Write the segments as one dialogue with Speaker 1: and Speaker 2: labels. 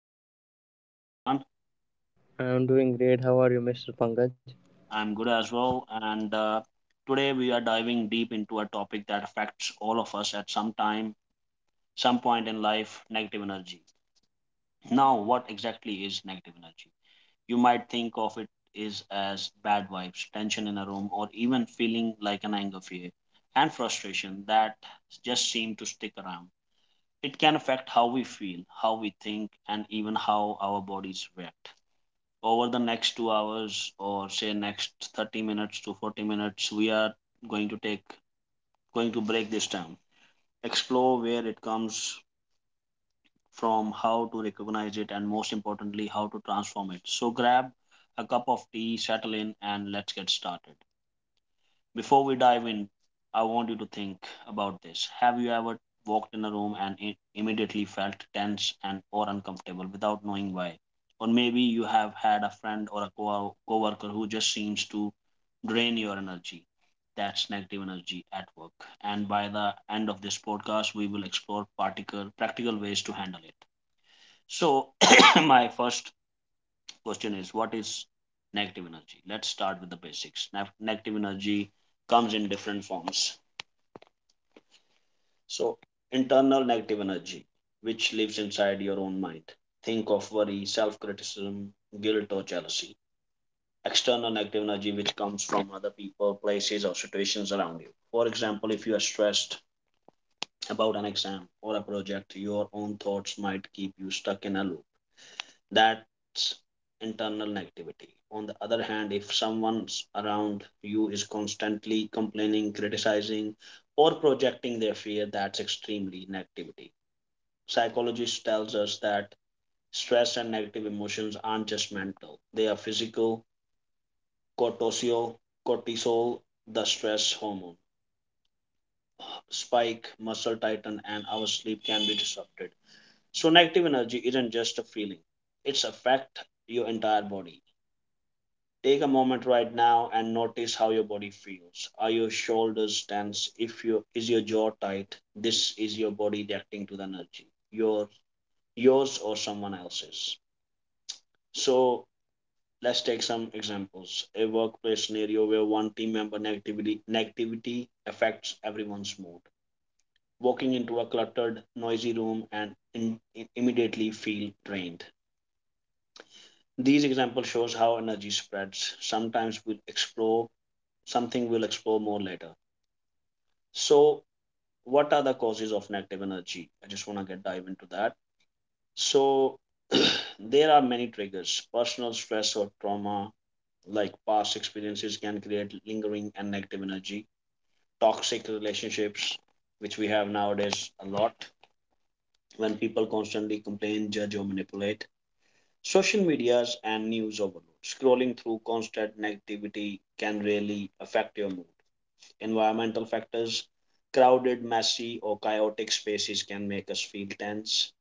Speaker 1: Furgan. How are you doing, Mr. Furgan?
Speaker 2: I'm doing great. How are you, Mr. Pankaj?
Speaker 1: I'm good as well. And today we are diving deep into a topic that affects all of us at some point in life: negative energy. Now, what exactly is negative energy? You might think of it is as bad vibes, tension in a room, or even feeling like an anger, fear, and frustration that just seem to stick around. It can affect how we feel, how we think, and even how our bodies react. Over the next two hours, or say next 30 minutes to 40 minutes, we are going to take going to break this down, explore where it comes from, how to recognize it, and most importantly how to transform it. So grab a cup of tea, settle in, and let's get started. Before we dive in, I want you to think about this. Have you ever walked in a room and immediately felt tense and or uncomfortable without knowing why? Or maybe you have had a friend or a coworker who just seems to drain your energy. That's negative energy at work, and by the end of this podcast we will explore particular practical ways to handle it. So, my first question is, what is negative energy? Let's start with the basics. Negative energy comes in different forms. So, internal negative energy, which lives inside your own mind. Think of worry, self criticism, guilt, or jealousy. External negative energy, which comes from other people, places, or situations around you. For example, if you are stressed about an exam or a project, your own thoughts might keep you stuck in a loop. That's internal negativity. On the other hand, if someone around you is constantly complaining, criticizing, or projecting their fear, that's extremely negativity. Psychologist tells us that stress and negative emotions aren't just mental; they are physical. Cortisol, cortisol, the stress hormone, spike, muscle tighten, and our sleep can be disrupted. So negative energy isn't just a feeling; it's affect your entire body. Take a moment right now and notice how your body feels. Are your shoulders tense? If you Is your jaw tight? This is your body reacting to the energy. Your Yours or someone else's. So let's take some examples. A workplace scenario where one team member negativity affects everyone's mood. Walking into a cluttered, noisy room and immediately feel drained. These examples shows how energy spreads. Sometimes we'll explore Something we'll explore more later. So, what are the causes of negative energy? I just want to get dive into that. So, there are many triggers. Personal stress or trauma, like past experiences, can create lingering and negative energy. Toxic relationships, which we have nowadays a lot, when people constantly complain, judge, or manipulate. Social medias and news overload. Scrolling through constant negativity can really affect your mood. Environmental factors: crowded, messy, or chaotic spaces can make us feel tense.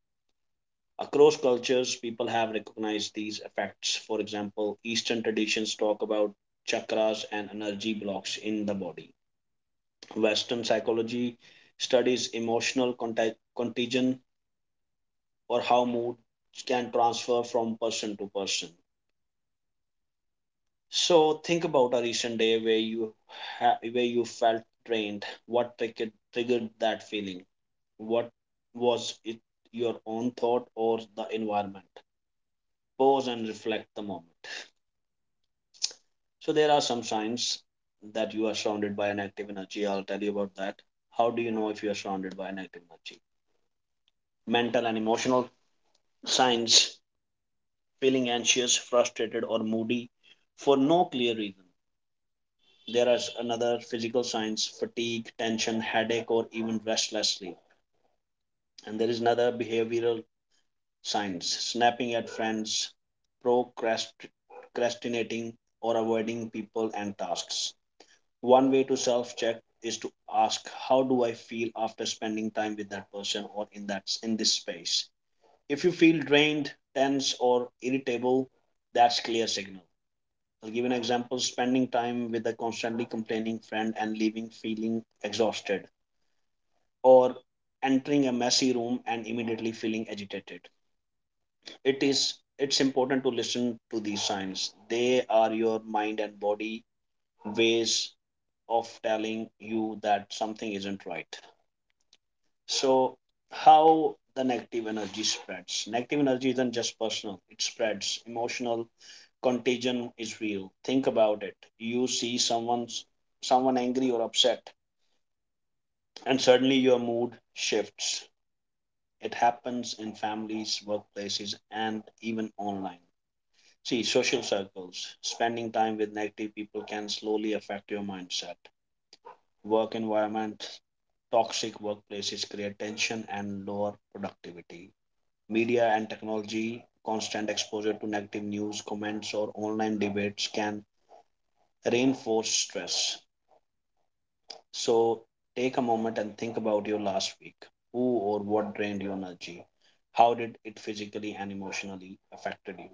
Speaker 1: Across cultures, people have recognized these effects. For example, Eastern traditions talk about chakras and energy blocks in the body. Western psychology studies emotional contagion, or how moods can transfer from person to person. So think about a recent day where where you felt drained. What triggered that feeling? What was it? Your own thought or the environment? Pause and reflect the moment. So there are some signs that you are surrounded by an active energy. I'll tell you about that. How do you know if you are surrounded by an active energy? Mental and emotional signs: feeling anxious, frustrated, or moody for no clear reason. There is another physical signs: fatigue, tension, headache, or even restless sleep. And there is another behavioral signs: snapping at friends, procrastinating, or avoiding people and tasks. One way to self check is to ask, how do I feel after spending time with that person or in this space? If you feel drained, tense, or irritable, that's clear signal. I'll give an example: spending time with a constantly complaining friend and leaving feeling exhausted, or entering a messy room and immediately feeling agitated. It's important to listen to these signs. They are your mind and body ways of telling you that something isn't right. So, how the negative energy spreads? Negative energy isn't just personal, it spreads. Emotional contagion is real. Think about it. You see someone angry or upset, and suddenly your mood shifts. It happens in families, workplaces, and even online. See, social circles: spending time with negative people can slowly affect your mindset. Work environment: toxic workplaces create tension and lower productivity. Media and technology: constant exposure to negative news, comments, or online debates can reinforce stress. So, take a moment and think about your last week. Who or what drained your energy? How did it physically and emotionally affected you?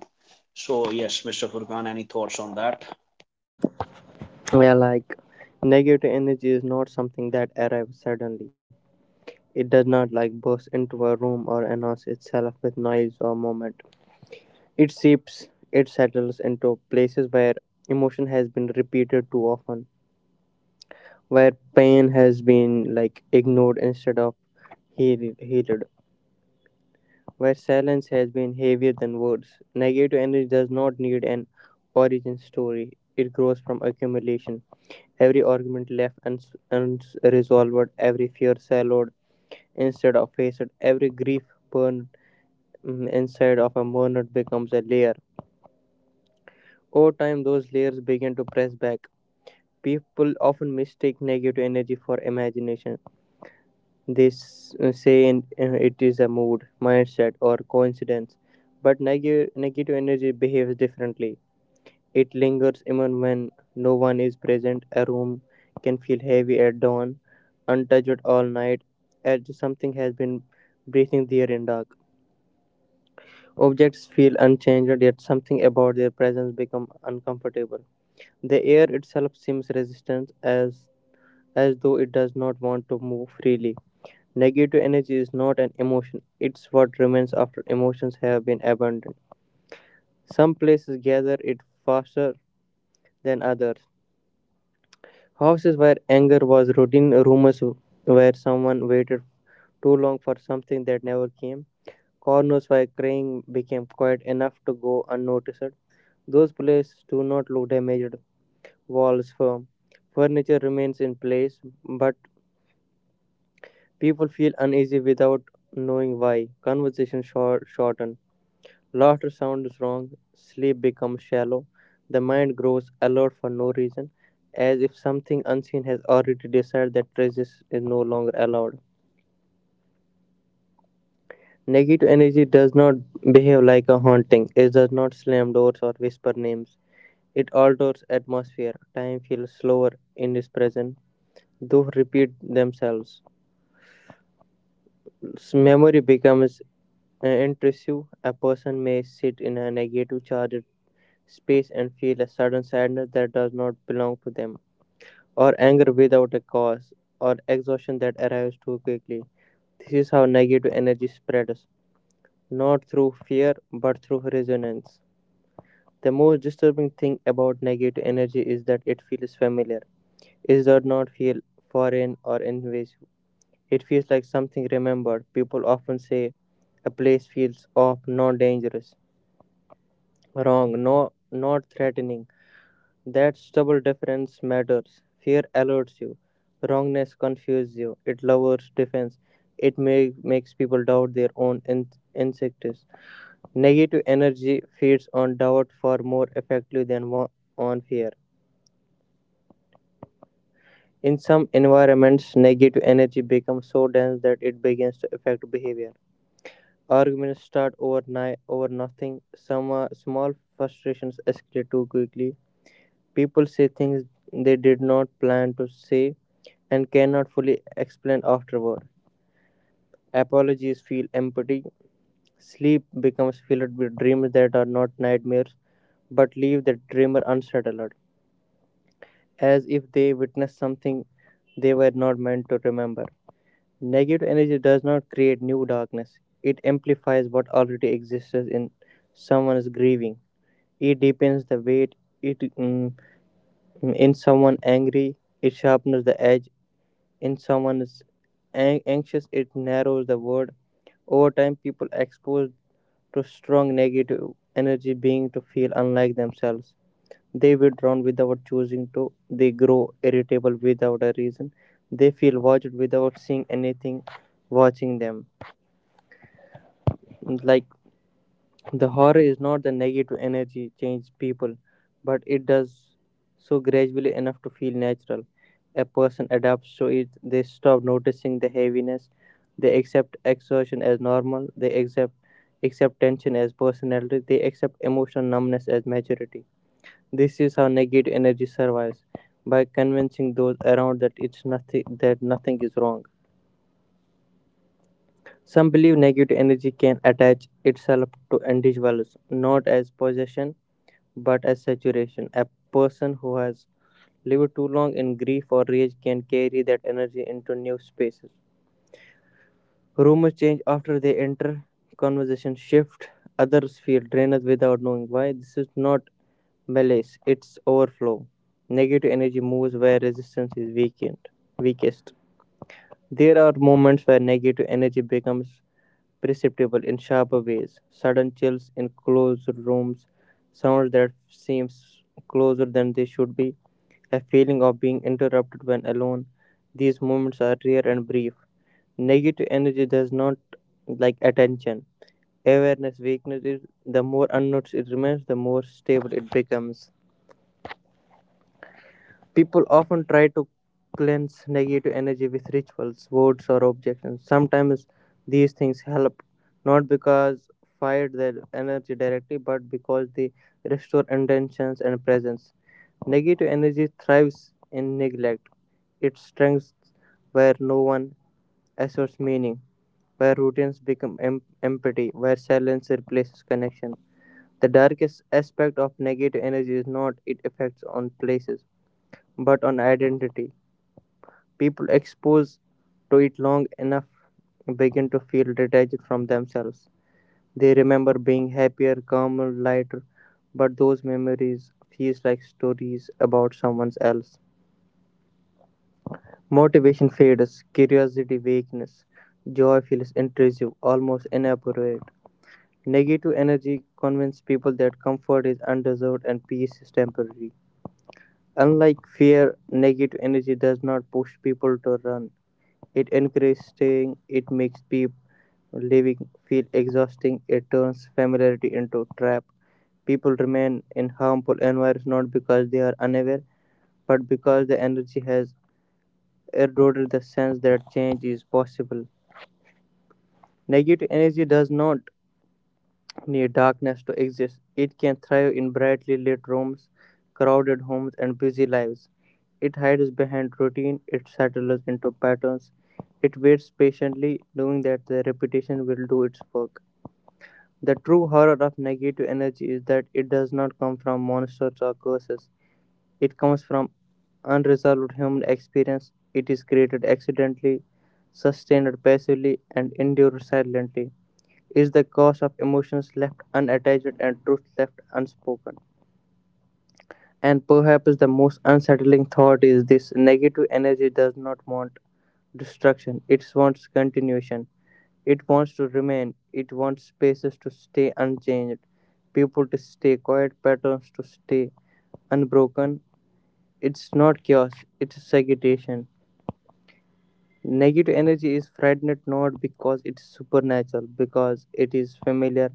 Speaker 1: So, yes, Mr. Furkan, any thoughts on that?
Speaker 2: Yeah, negative energy is not something that arrives suddenly. It does not burst into a room or announce itself with noise or movement. It seeps, it settles into places where emotion has been repeated too often, where pain has been ignored instead of healed, where silence has been heavier than words. Negative energy does not need an origin story. It grows from accumulation. Every argument left unresolved, every fear swallowed instead of faced, every grief burned inside of a mourner becomes a layer. Over time, those layers begin to press back. People often mistake negative energy for imagination. They say in it is a mood, mindset, or coincidence, but negative energy behaves differently. It lingers even when no one is present. A room can feel heavy at dawn, untouched all night, as if something has been breathing there in dark. Objects feel unchanged, yet something about their presence becomes uncomfortable. The air itself seems resistant, as though it does not want to move freely. Negative energy is not an emotion; it's what remains after emotions have been abandoned. Some places gather it faster than others. Houses where anger was routine, rooms where someone waited too long for something that never came, corners where crying became quiet enough to go unnoticed. Those places do not look damaged, walls firm. Furniture remains in place, but people feel uneasy without knowing why. Conversation shorten. Laughter sounds wrong, sleep becomes shallow, the mind grows alert for no reason, as if something unseen has already decided that presence is no longer allowed. Negative energy does not behave like a haunting, it does not slam doors or whisper names. It alters atmosphere, time feels slower in its presence, though repeat themselves. Memory becomes intrusive, a person may sit in a negative charged space and feel a sudden sadness that does not belong to them, or anger without a cause, or exhaustion that arrives too quickly. This is how negative energy spreads, not through fear but through resonance. The most disturbing thing about negative energy is that it feels familiar. It does not feel foreign or invasive. It feels like something remembered. People often say a place feels off, not dangerous, wrong, no, not threatening. That stubble difference matters. Fear alerts you. Wrongness confuses you. It lowers defense. It makes people doubt their own instincts. Negative energy feeds on doubt far more effectively than on fear. In some environments, negative energy becomes so dense that it begins to affect behavior. Arguments start over, over nothing. Some small frustrations escalate too quickly. People say things they did not plan to say and cannot fully explain afterward. Apologies feel empty. Sleep becomes filled with dreams that are not nightmares but leave the dreamer unsettled, as if they witnessed something they were not meant to remember. Negative energy does not create new darkness, it amplifies what already exists in someone's grieving. It deepens the weight it mm, in someone angry, it sharpens the edge. In someone is anxious, it narrows the word. Over time, people exposed to strong negative energy being to feel unlike themselves. They withdrawn without choosing to. They grow irritable without a reason. They feel watched without seeing anything watching them. Like The horror is not the negative energy changes people, but it does so gradually enough to feel natural. A person adapts to it, they stop noticing the heaviness, they accept exhaustion as normal, they accept tension as personality, they accept emotional numbness as maturity. This is how negative energy survives by convincing those around that it's nothing that nothing is wrong. Some believe negative energy can attach itself to individuals, not as possession but as saturation. A person who has lived too long in grief or rage can carry that energy into new spaces. Rumors change after they enter, conversation shift, others feel drained without knowing why. This is not malaise, it's overflow. Negative energy moves where resistance is weakest. There are moments where negative energy becomes perceptible in sharper ways. Sudden chills in closed rooms, sounds that seems closer than they should be, a feeling of being interrupted when alone. These moments are rare and brief. Negative energy does not like attention. Awareness weakness is the more unnoticed it remains, the more stable it becomes. People often try to cleanse negative energy with rituals, words, or objections. Sometimes these things help, not because fire their energy directly, but because they restore intentions and presence. Negative energy thrives in neglect. It strengthens where no one asserts meaning, where routines become empty, where silence replaces connection. The darkest aspect of negative energy is not its effects on places but on identity. People exposed to it long enough begin to feel detached from themselves. They remember being happier, calmer, lighter, but those memories feels like stories about someone else. Motivation fades, curiosity weakness, joy feels intrusive, almost inappropriate. Negative energy convinces people that comfort is undeserved and peace is temporary. Unlike fear, negative energy does not push people to run. It encouraging, it makes people living feel exhausting, it turns familiarity into a trap. People remain in harmful environments not because they are unaware, but because the energy has eroded the sense that change is possible. Negative energy does not need darkness to exist. It can thrive in brightly lit rooms, crowded homes, and busy lives. It hides behind routine, it settles into patterns, it waits patiently, knowing that the repetition will do its work. The true horror of negative energy is that it does not come from monsters or curses. It comes from unresolved human experience. It is created accidentally, sustained passively, and endured silently. It is the cause of emotions left unattached and truth left unspoken. And perhaps the most unsettling thought is this: negative energy does not want destruction, it wants continuation. It wants to remain, it wants spaces to stay unchanged, people to stay, quiet patterns to stay unbroken. It's not chaos, it's agitation. Negative energy is frightened not because it's supernatural, because it is familiar.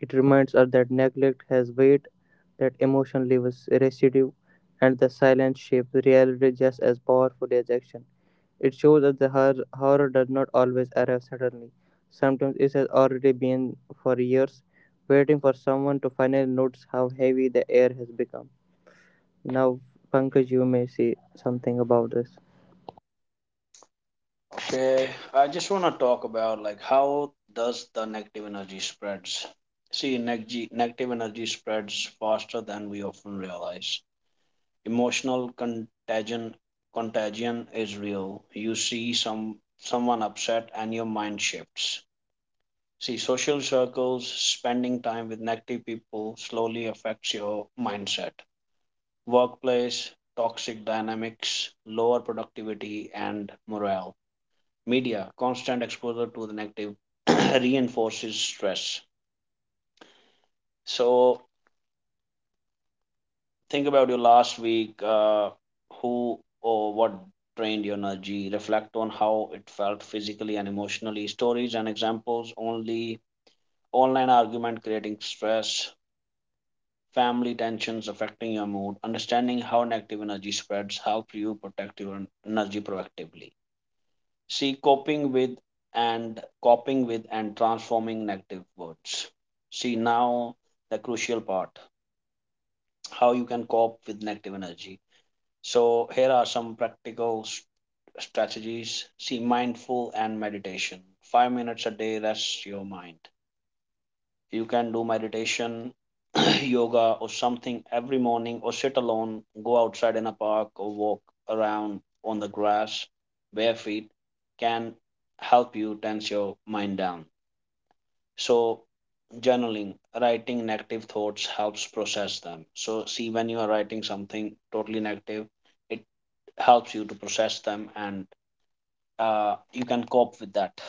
Speaker 2: It reminds us that neglect has weight, that emotion leaves residue, and the silence shapes reality just as powerfully as action. It shows us the horror does not always arrive suddenly. Sometimes it has already been for years, waiting for someone to finally notice how heavy the air has become. Now, Pankaj, you may say something about this.
Speaker 1: Okay, I just want to talk about like how does the negative energy spreads? See, negative energy spreads faster than we often realize. Emotional contagion is real. You see some someone upset and your mind shifts. See, social circles: spending time with negative people slowly affects your mindset. Workplace: toxic dynamics, lower productivity and morale. Media: constant exposure to the negative reinforces stress. So think about your last week, who or what drained your energy? Reflect on how it felt physically and emotionally. Stories and examples only: online argument creating stress, family tensions affecting your mood. Understanding how negative energy spreads help you protect your energy proactively. See, coping with and transforming negative words. See, now the crucial part: how you can cope with negative energy. So, here are some practical strategies. See, mindful and meditation. Five minutes a day rests your mind. You can do meditation, yoga, or something every morning, or sit alone, go outside in a park, or walk around on the grass bare feet. Can help you tense your mind down. So, journaling: writing negative thoughts helps process them. So, see, when you are writing something totally negative, it helps you to process them and you can cope with that.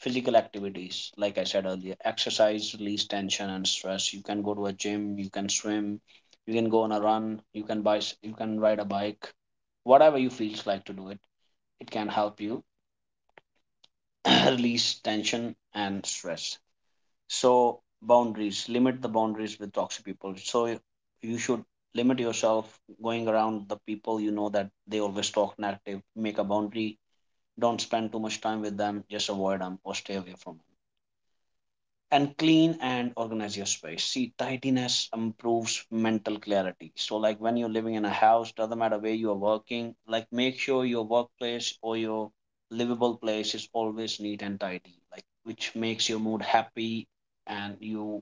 Speaker 1: Physical activities, like I said earlier, exercise release tension and stress. You can go to a gym, you can swim, you can go on a run, you can ride a bike, whatever you feels like to do it. It can help you release tension and stress. So, boundaries: limit the boundaries with toxic people. So you should limit yourself going around the people you know that they always talk negative. Make a boundary. Don't spend too much time with them, just avoid them or stay away from them. And clean and organize your space. See, tidiness improves mental clarity. So, like when you're living in a house, doesn't matter where you are working, like make sure your workplace or your livable place is always neat and tidy, like which makes your mood happy and you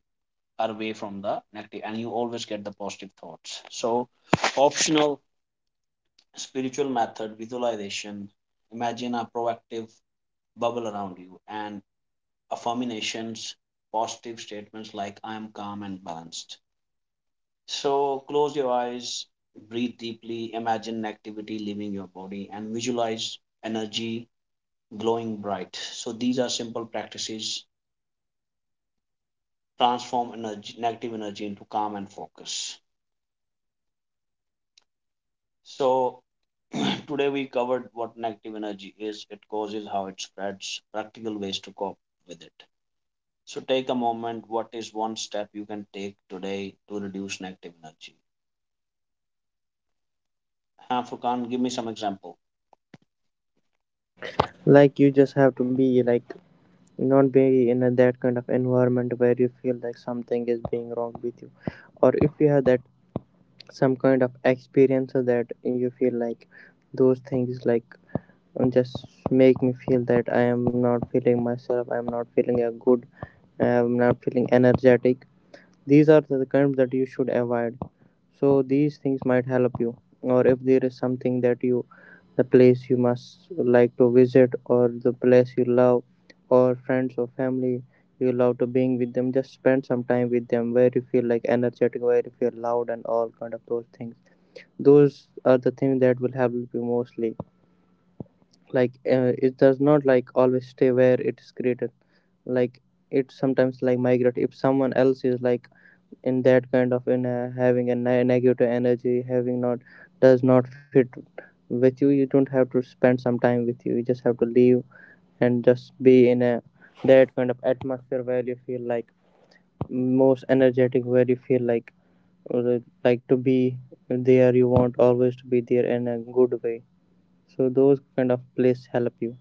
Speaker 1: are away from the negative and you always get the positive thoughts. So, optional spiritual method: visualization, imagine a proactive bubble around you, and affirmations, positive statements like I am calm and balanced. So close your eyes, breathe deeply, imagine activity leaving your body, and visualize energy glowing bright. So these are simple practices. Transform energy, negative energy, into calm and focus. So today we covered what negative energy is, it causes, how it spreads, practical ways to cope with it. So take a moment. What is one step you can take today to reduce negative energy? Furkan, give me some example.
Speaker 2: You just have to be not be in a, that kind of environment where you feel like something is being wrong with you, or if you have that some kind of experience that you feel those things and just make me feel that I am not feeling myself, I am not feeling a good, I am not feeling energetic. These are the kinds that you should avoid. So these things might help you. Or if there is something that you, the place you must like to visit, or the place you love, or friends or family you love to being with them, just spend some time with them where you feel like energetic, where you feel loud, and all kind of those things. Those are the things that will help you mostly it does not like always stay where it is created like it sometimes like migrate if someone else is in that kind of in a, having a negative energy having not does not fit with you, you don't have to spend some time with you, you just have to leave and just be in a that kind of atmosphere where you feel like most energetic, where you feel uh, like to be there, you want always to be there in a good way. So those kind of place help you.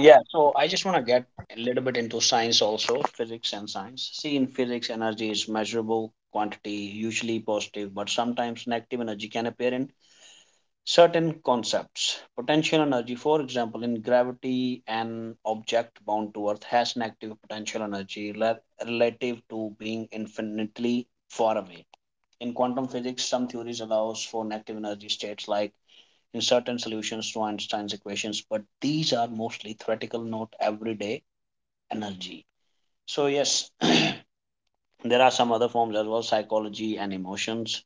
Speaker 1: Yeah, so I just want to get a little bit into science also, physics and science. See, in physics, energy is measurable quantity, usually positive, but sometimes negative energy can appear in certain concepts. Potential energy, for example, in gravity, an object bound to Earth has negative potential energy relative to being infinitely far away. In quantum physics, some theories allows for negative energy states like in certain solutions to Einstein's equations, but these are mostly theoretical, not everyday energy. So, yes, there are some other forms as well: psychology and emotions.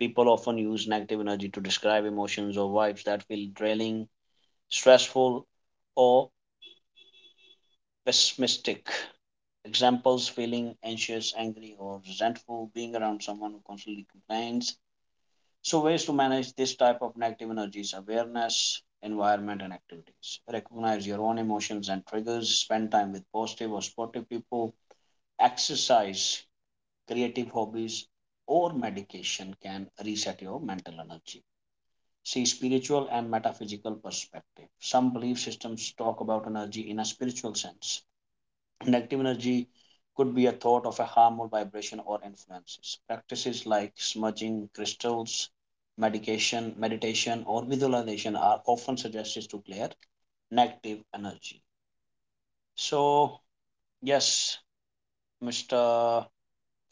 Speaker 1: People often use negative energy to describe emotions or vibes that feel draining, stressful, or pessimistic. Examples: feeling anxious, angry, or resentful, being around someone who constantly complains. So, ways to manage this type of negative energies: awareness, environment, and activities. Recognize your own emotions and triggers, spend time with positive or supportive people, exercise, creative hobbies, or medication can reset your mental energy. See, spiritual and metaphysical perspective. Some belief systems talk about energy in a spiritual sense. Negative energy could be a thought of a harmful vibration or influences. Practices like smudging crystals, medication, meditation, or visualization are often suggested to clear negative energy. So, yes, Mr.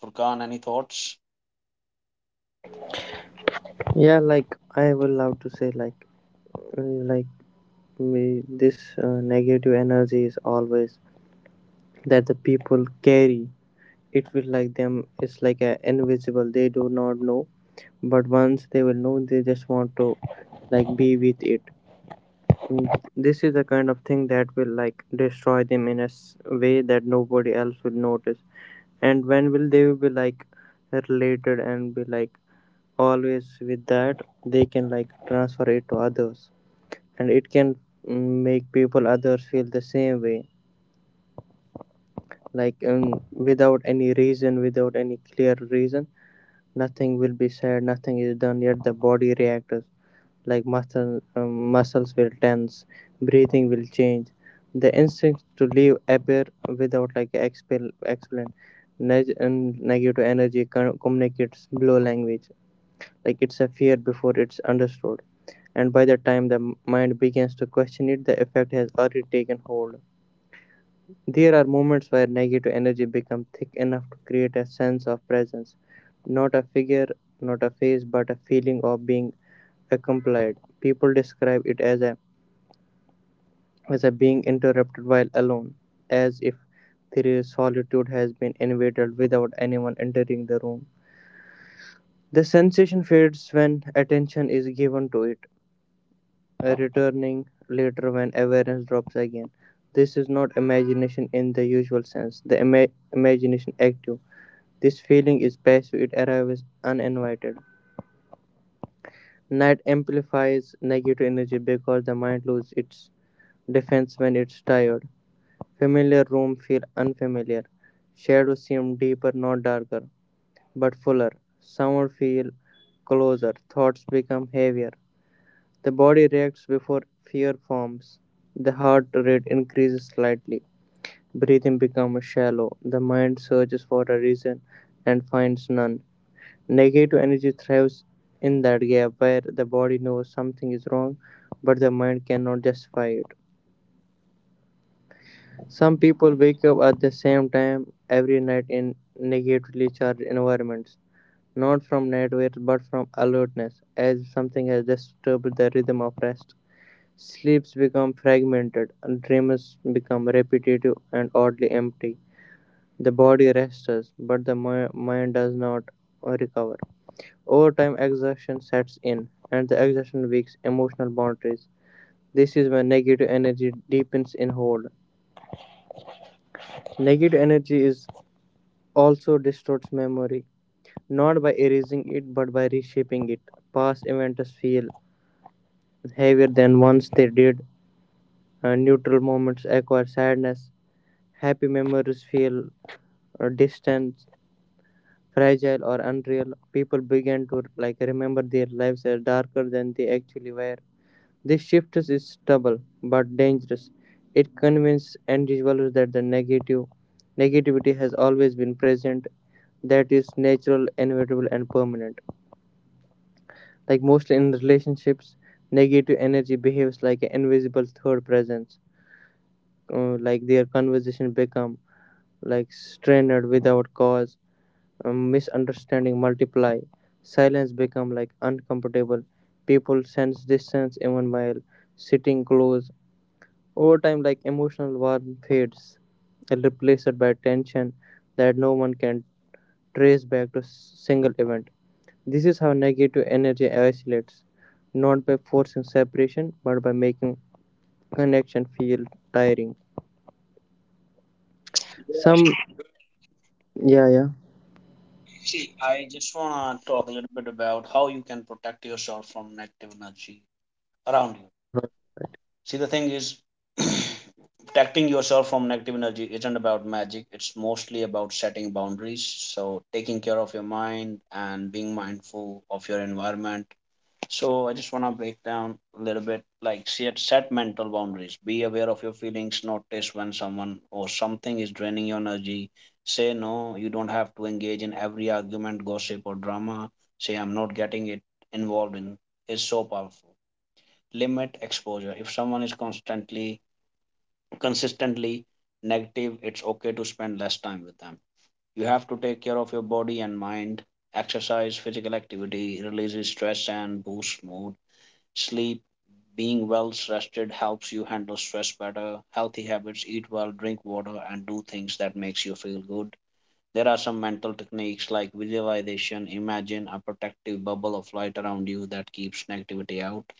Speaker 1: Furkan, any thoughts?
Speaker 2: Yeah, I would love to say uh, like me this negative energy is always that the people carry. It will like them, it's like a invisible, they do not know, but once they will know they just want to be with it. Mm, this is the kind of thing that will destroy them in a way that nobody else will notice. And when will they will be related and be always with that, they can transfer it to others, and it can make people others feel the same way, like um, without any reason, without any clear reason. Nothing will be said, nothing is done, yet the body reacts muscles will tense, breathing will change, the instinct to leave appear without expel explain. Neg- and negative energy communicates below language, it's a fear before it's understood, and by the time the mind begins to question it, the effect has already taken hold. There are moments where negative energy becomes thick enough to create a sense of presence. Not a figure, not a face, but a feeling of being accompanied. People describe it as a being interrupted while alone, as if their solitude has been invaded without anyone entering the room. The sensation fades when attention is given to it, returning later when awareness drops again. This is not imagination in the usual sense, imagination active. This feeling is passive, it arrives uninvited. Night amplifies negative energy because the mind loses its defense when it's tired. Familiar room feel unfamiliar. Shadows seem deeper, not darker, but fuller. Sound feel closer. Thoughts become heavier. The body reacts before fear forms. The heart rate increases slightly. Breathing becomes shallow. The mind searches for a reason and finds none. Negative energy thrives in that gap where the body knows something is wrong but the mind cannot justify it. Some people wake up at the same time every night in negatively charged environments, not from nightmares but from alertness, as if something has disturbed the rhythm of rest. Sleeps become fragmented, and dreams become repetitive and oddly empty. The body rests, but the mind does not recover. Over time, exhaustion sets in, and the exhaustion weakens emotional boundaries. This is when negative energy deepens in hold. Negative energy is also distorts memory, not by erasing it but by reshaping it. Past events feel heavier than once they did. Neutral moments acquire sadness. Happy memories feel distant, fragile, or unreal. People begin to like remember their lives as darker than they actually were. This shift is stubborn but dangerous. It convinces individuals that the negative negativity has always been present, that is natural, inevitable, and permanent. Like mostly in relationships, negative energy behaves like an invisible third presence. Like their conversation become like strained without cause, misunderstanding multiply, silence become like uncomfortable. People sense distance even while sitting close. Over time, like emotional warmth fades and replaced by tension that no one can trace back to a single event. This is how negative energy isolates, not by forcing separation, but by making connection feel tiring. Some,
Speaker 1: Yeah,
Speaker 2: yeah, yeah,
Speaker 1: see, I just want to talk a little bit about how you can protect yourself from negative energy around you.
Speaker 2: all right,
Speaker 1: See, the thing is, protecting yourself from negative energy isn't about magic, it's mostly about setting boundaries. So, taking care of your mind and being mindful of your environment. So, I just want to break down a little bit like, set mental boundaries, be aware of your feelings, notice when someone or something is draining your energy. Say no, you don't have to engage in every argument, gossip, or drama. Say, I'm not getting it involved in is so powerful. Limit exposure: if someone is constantly consistently negative, it's okay to spend less time with them. You have to take care of your body and mind. Exercise: physical activity releases stress and boosts mood. Sleep: being well rested helps you handle stress better. Healthy habits: eat well, drink water, and do things that makes you feel good. There are some mental techniques like visualization: imagine a protective bubble of light around you that keeps negativity out.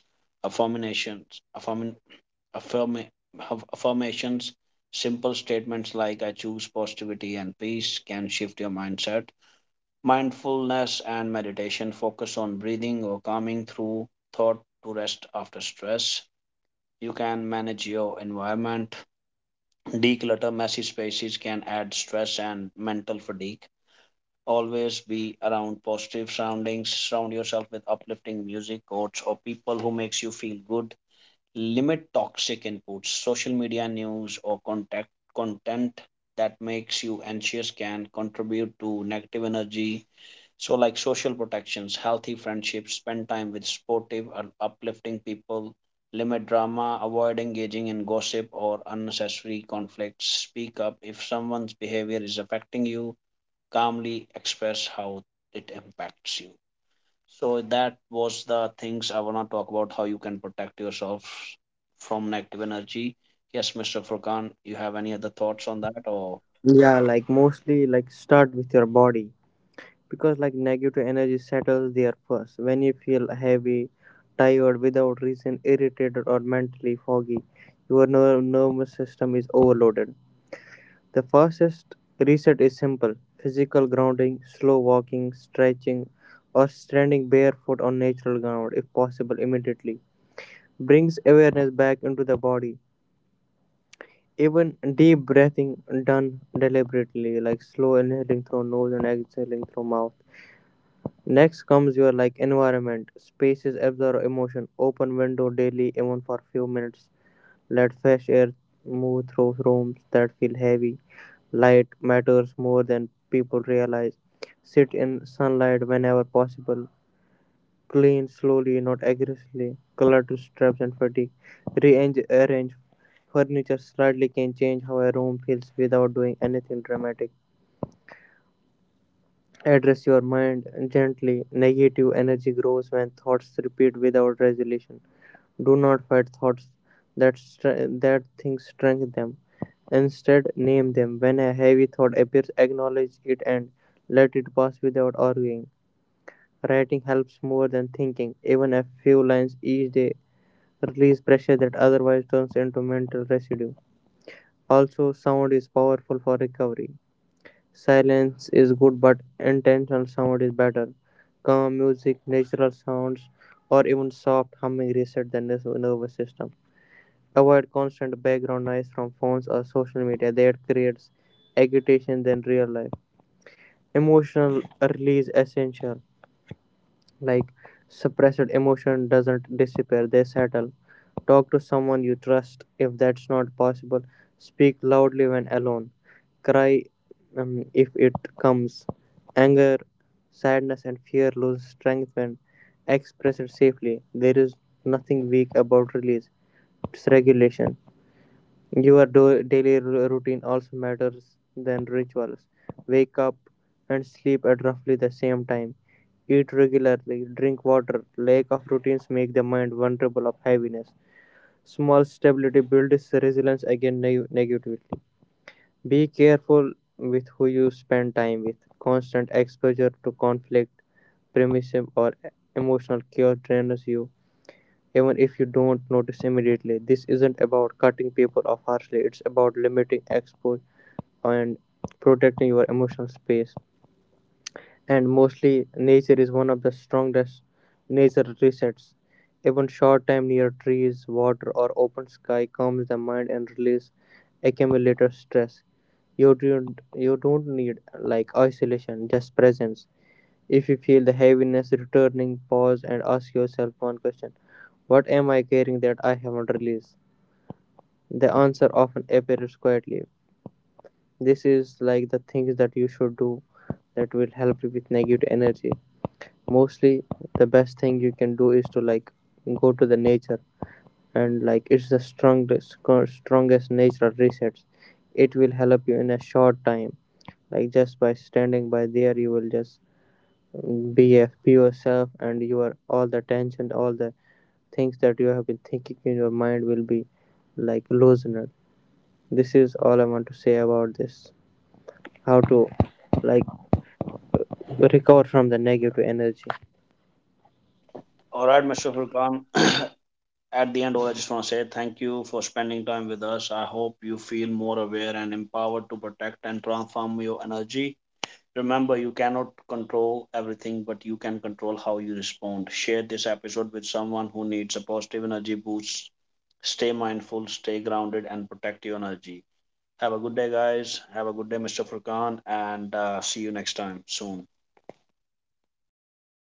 Speaker 1: Affirmations: Affirm- affirmations, simple statements like I choose positivity and peace can shift your mindset. Mindfulness and meditation: focus on breathing or calming through thought to rest after stress. You can manage your environment. Declutter: messy spaces can add stress and mental fatigue. Always be around positive surroundings. Surround yourself with uplifting music, quotes, or people who makes you feel good. Limit toxic inputs: social media news or contact content that makes you anxious can contribute to negative energy. So, like social protections: healthy friendships, spend time with supportive and uplifting people, limit drama, avoid engaging in gossip or unnecessary conflicts, speak up if someone's behavior is affecting you, calmly express how it impacts you. So that was the things I wanna talk about how you can protect yourself from negative energy. Yes, Mr. Furkan, you have any other thoughts on that or?
Speaker 2: yeah, like mostly like start with your body because like negative energy settles there first. When you feel heavy, tired, without reason, irritated, or mentally foggy, your nervous system is overloaded. The fastest reset is simple physical grounding, slow walking, stretching, or standing barefoot on natural ground if possible immediately. Brings awareness back into the body. Even deep breathing done deliberately, like slow inhaling through nose and exhaling through mouth. Next comes your like environment, spaces absorb emotion, open window daily even for few minutes. Let fresh air move through rooms that feel heavy. Light matters more than people realize. Sit in sunlight whenever possible. Clean slowly, not aggressively. Clutter traps and fatigue. Rearrange Arrange furniture slightly can change how a room feels without doing anything dramatic. Address your mind gently. Negative energy grows when thoughts repeat without resolution. Do not fight thoughts that, that things strength them. Instead, name them. When a heavy thought appears, acknowledge it and let it pass without arguing. Writing helps more than thinking. Even a few lines each day release pressure that otherwise turns into mental residue. Also, sound is powerful for recovery. Silence is good, but intentional sound is better. Calm music, natural sounds, or even soft humming reset the nervous system. Avoid constant background noise from phones or social media that creates agitation than real life. Emotional release essential. Like suppressed emotion doesn't disappear, they settle. Talk to someone you trust if that's not possible. Speak loudly when alone. Cry if it comes. Anger, sadness, and fear lose strength when expressed safely. There is nothing weak about release, it's regulation. Your daily routine also matters than rituals. Wake up and sleep at roughly the same time. Eat regularly, drink water. Lack of routines make the mind vulnerable of heaviness. Small stability builds resilience against negativity. Be careful with who you spend time with. Constant exposure to conflict, premium, or emotional chaos drains you even if you don't notice immediately. This isn't about cutting people off harshly, it's about limiting exposure and protecting your emotional space. And mostly, nature is one of the strongest nature resets. Even short time near trees, water, or open sky calms the mind and release accumulated stress. You don't need like isolation, just presence. If you feel the heaviness returning, pause and ask yourself one question. What am I carrying that I haven't released? The answer often appears quietly. This is like the things that you should do that will help you with negative energy. Mostly, the best thing you can do is to like go to the nature and like it's the strongest natural resets. It will help you in a short time. Like just by standing by there, you will just be a, be yourself, and your all the tension, all the things that you have been thinking in your mind will be like loosened. This is all I want to say about this, how to like recover from the negative energy.
Speaker 1: All right, Mr. Furkan. At the end, I just want to say thank you for spending time with us. I hope you feel more aware and empowered to protect and transform your energy. Remember, you cannot control everything, but you can control how you respond. Share this episode with someone who needs a positive energy boost.
Speaker 2: Thank you
Speaker 1: Stay
Speaker 2: for
Speaker 1: mindful,
Speaker 2: having
Speaker 1: stay
Speaker 2: me.
Speaker 1: grounded, and protect your energy. Have a good day, guys. Have a good day, Mr.
Speaker 2: Have a good day.
Speaker 1: Furkan, and
Speaker 2: Thank
Speaker 1: see
Speaker 2: you.
Speaker 1: you next time
Speaker 2: Have a
Speaker 1: soon.
Speaker 2: good day. See you next time. Bye.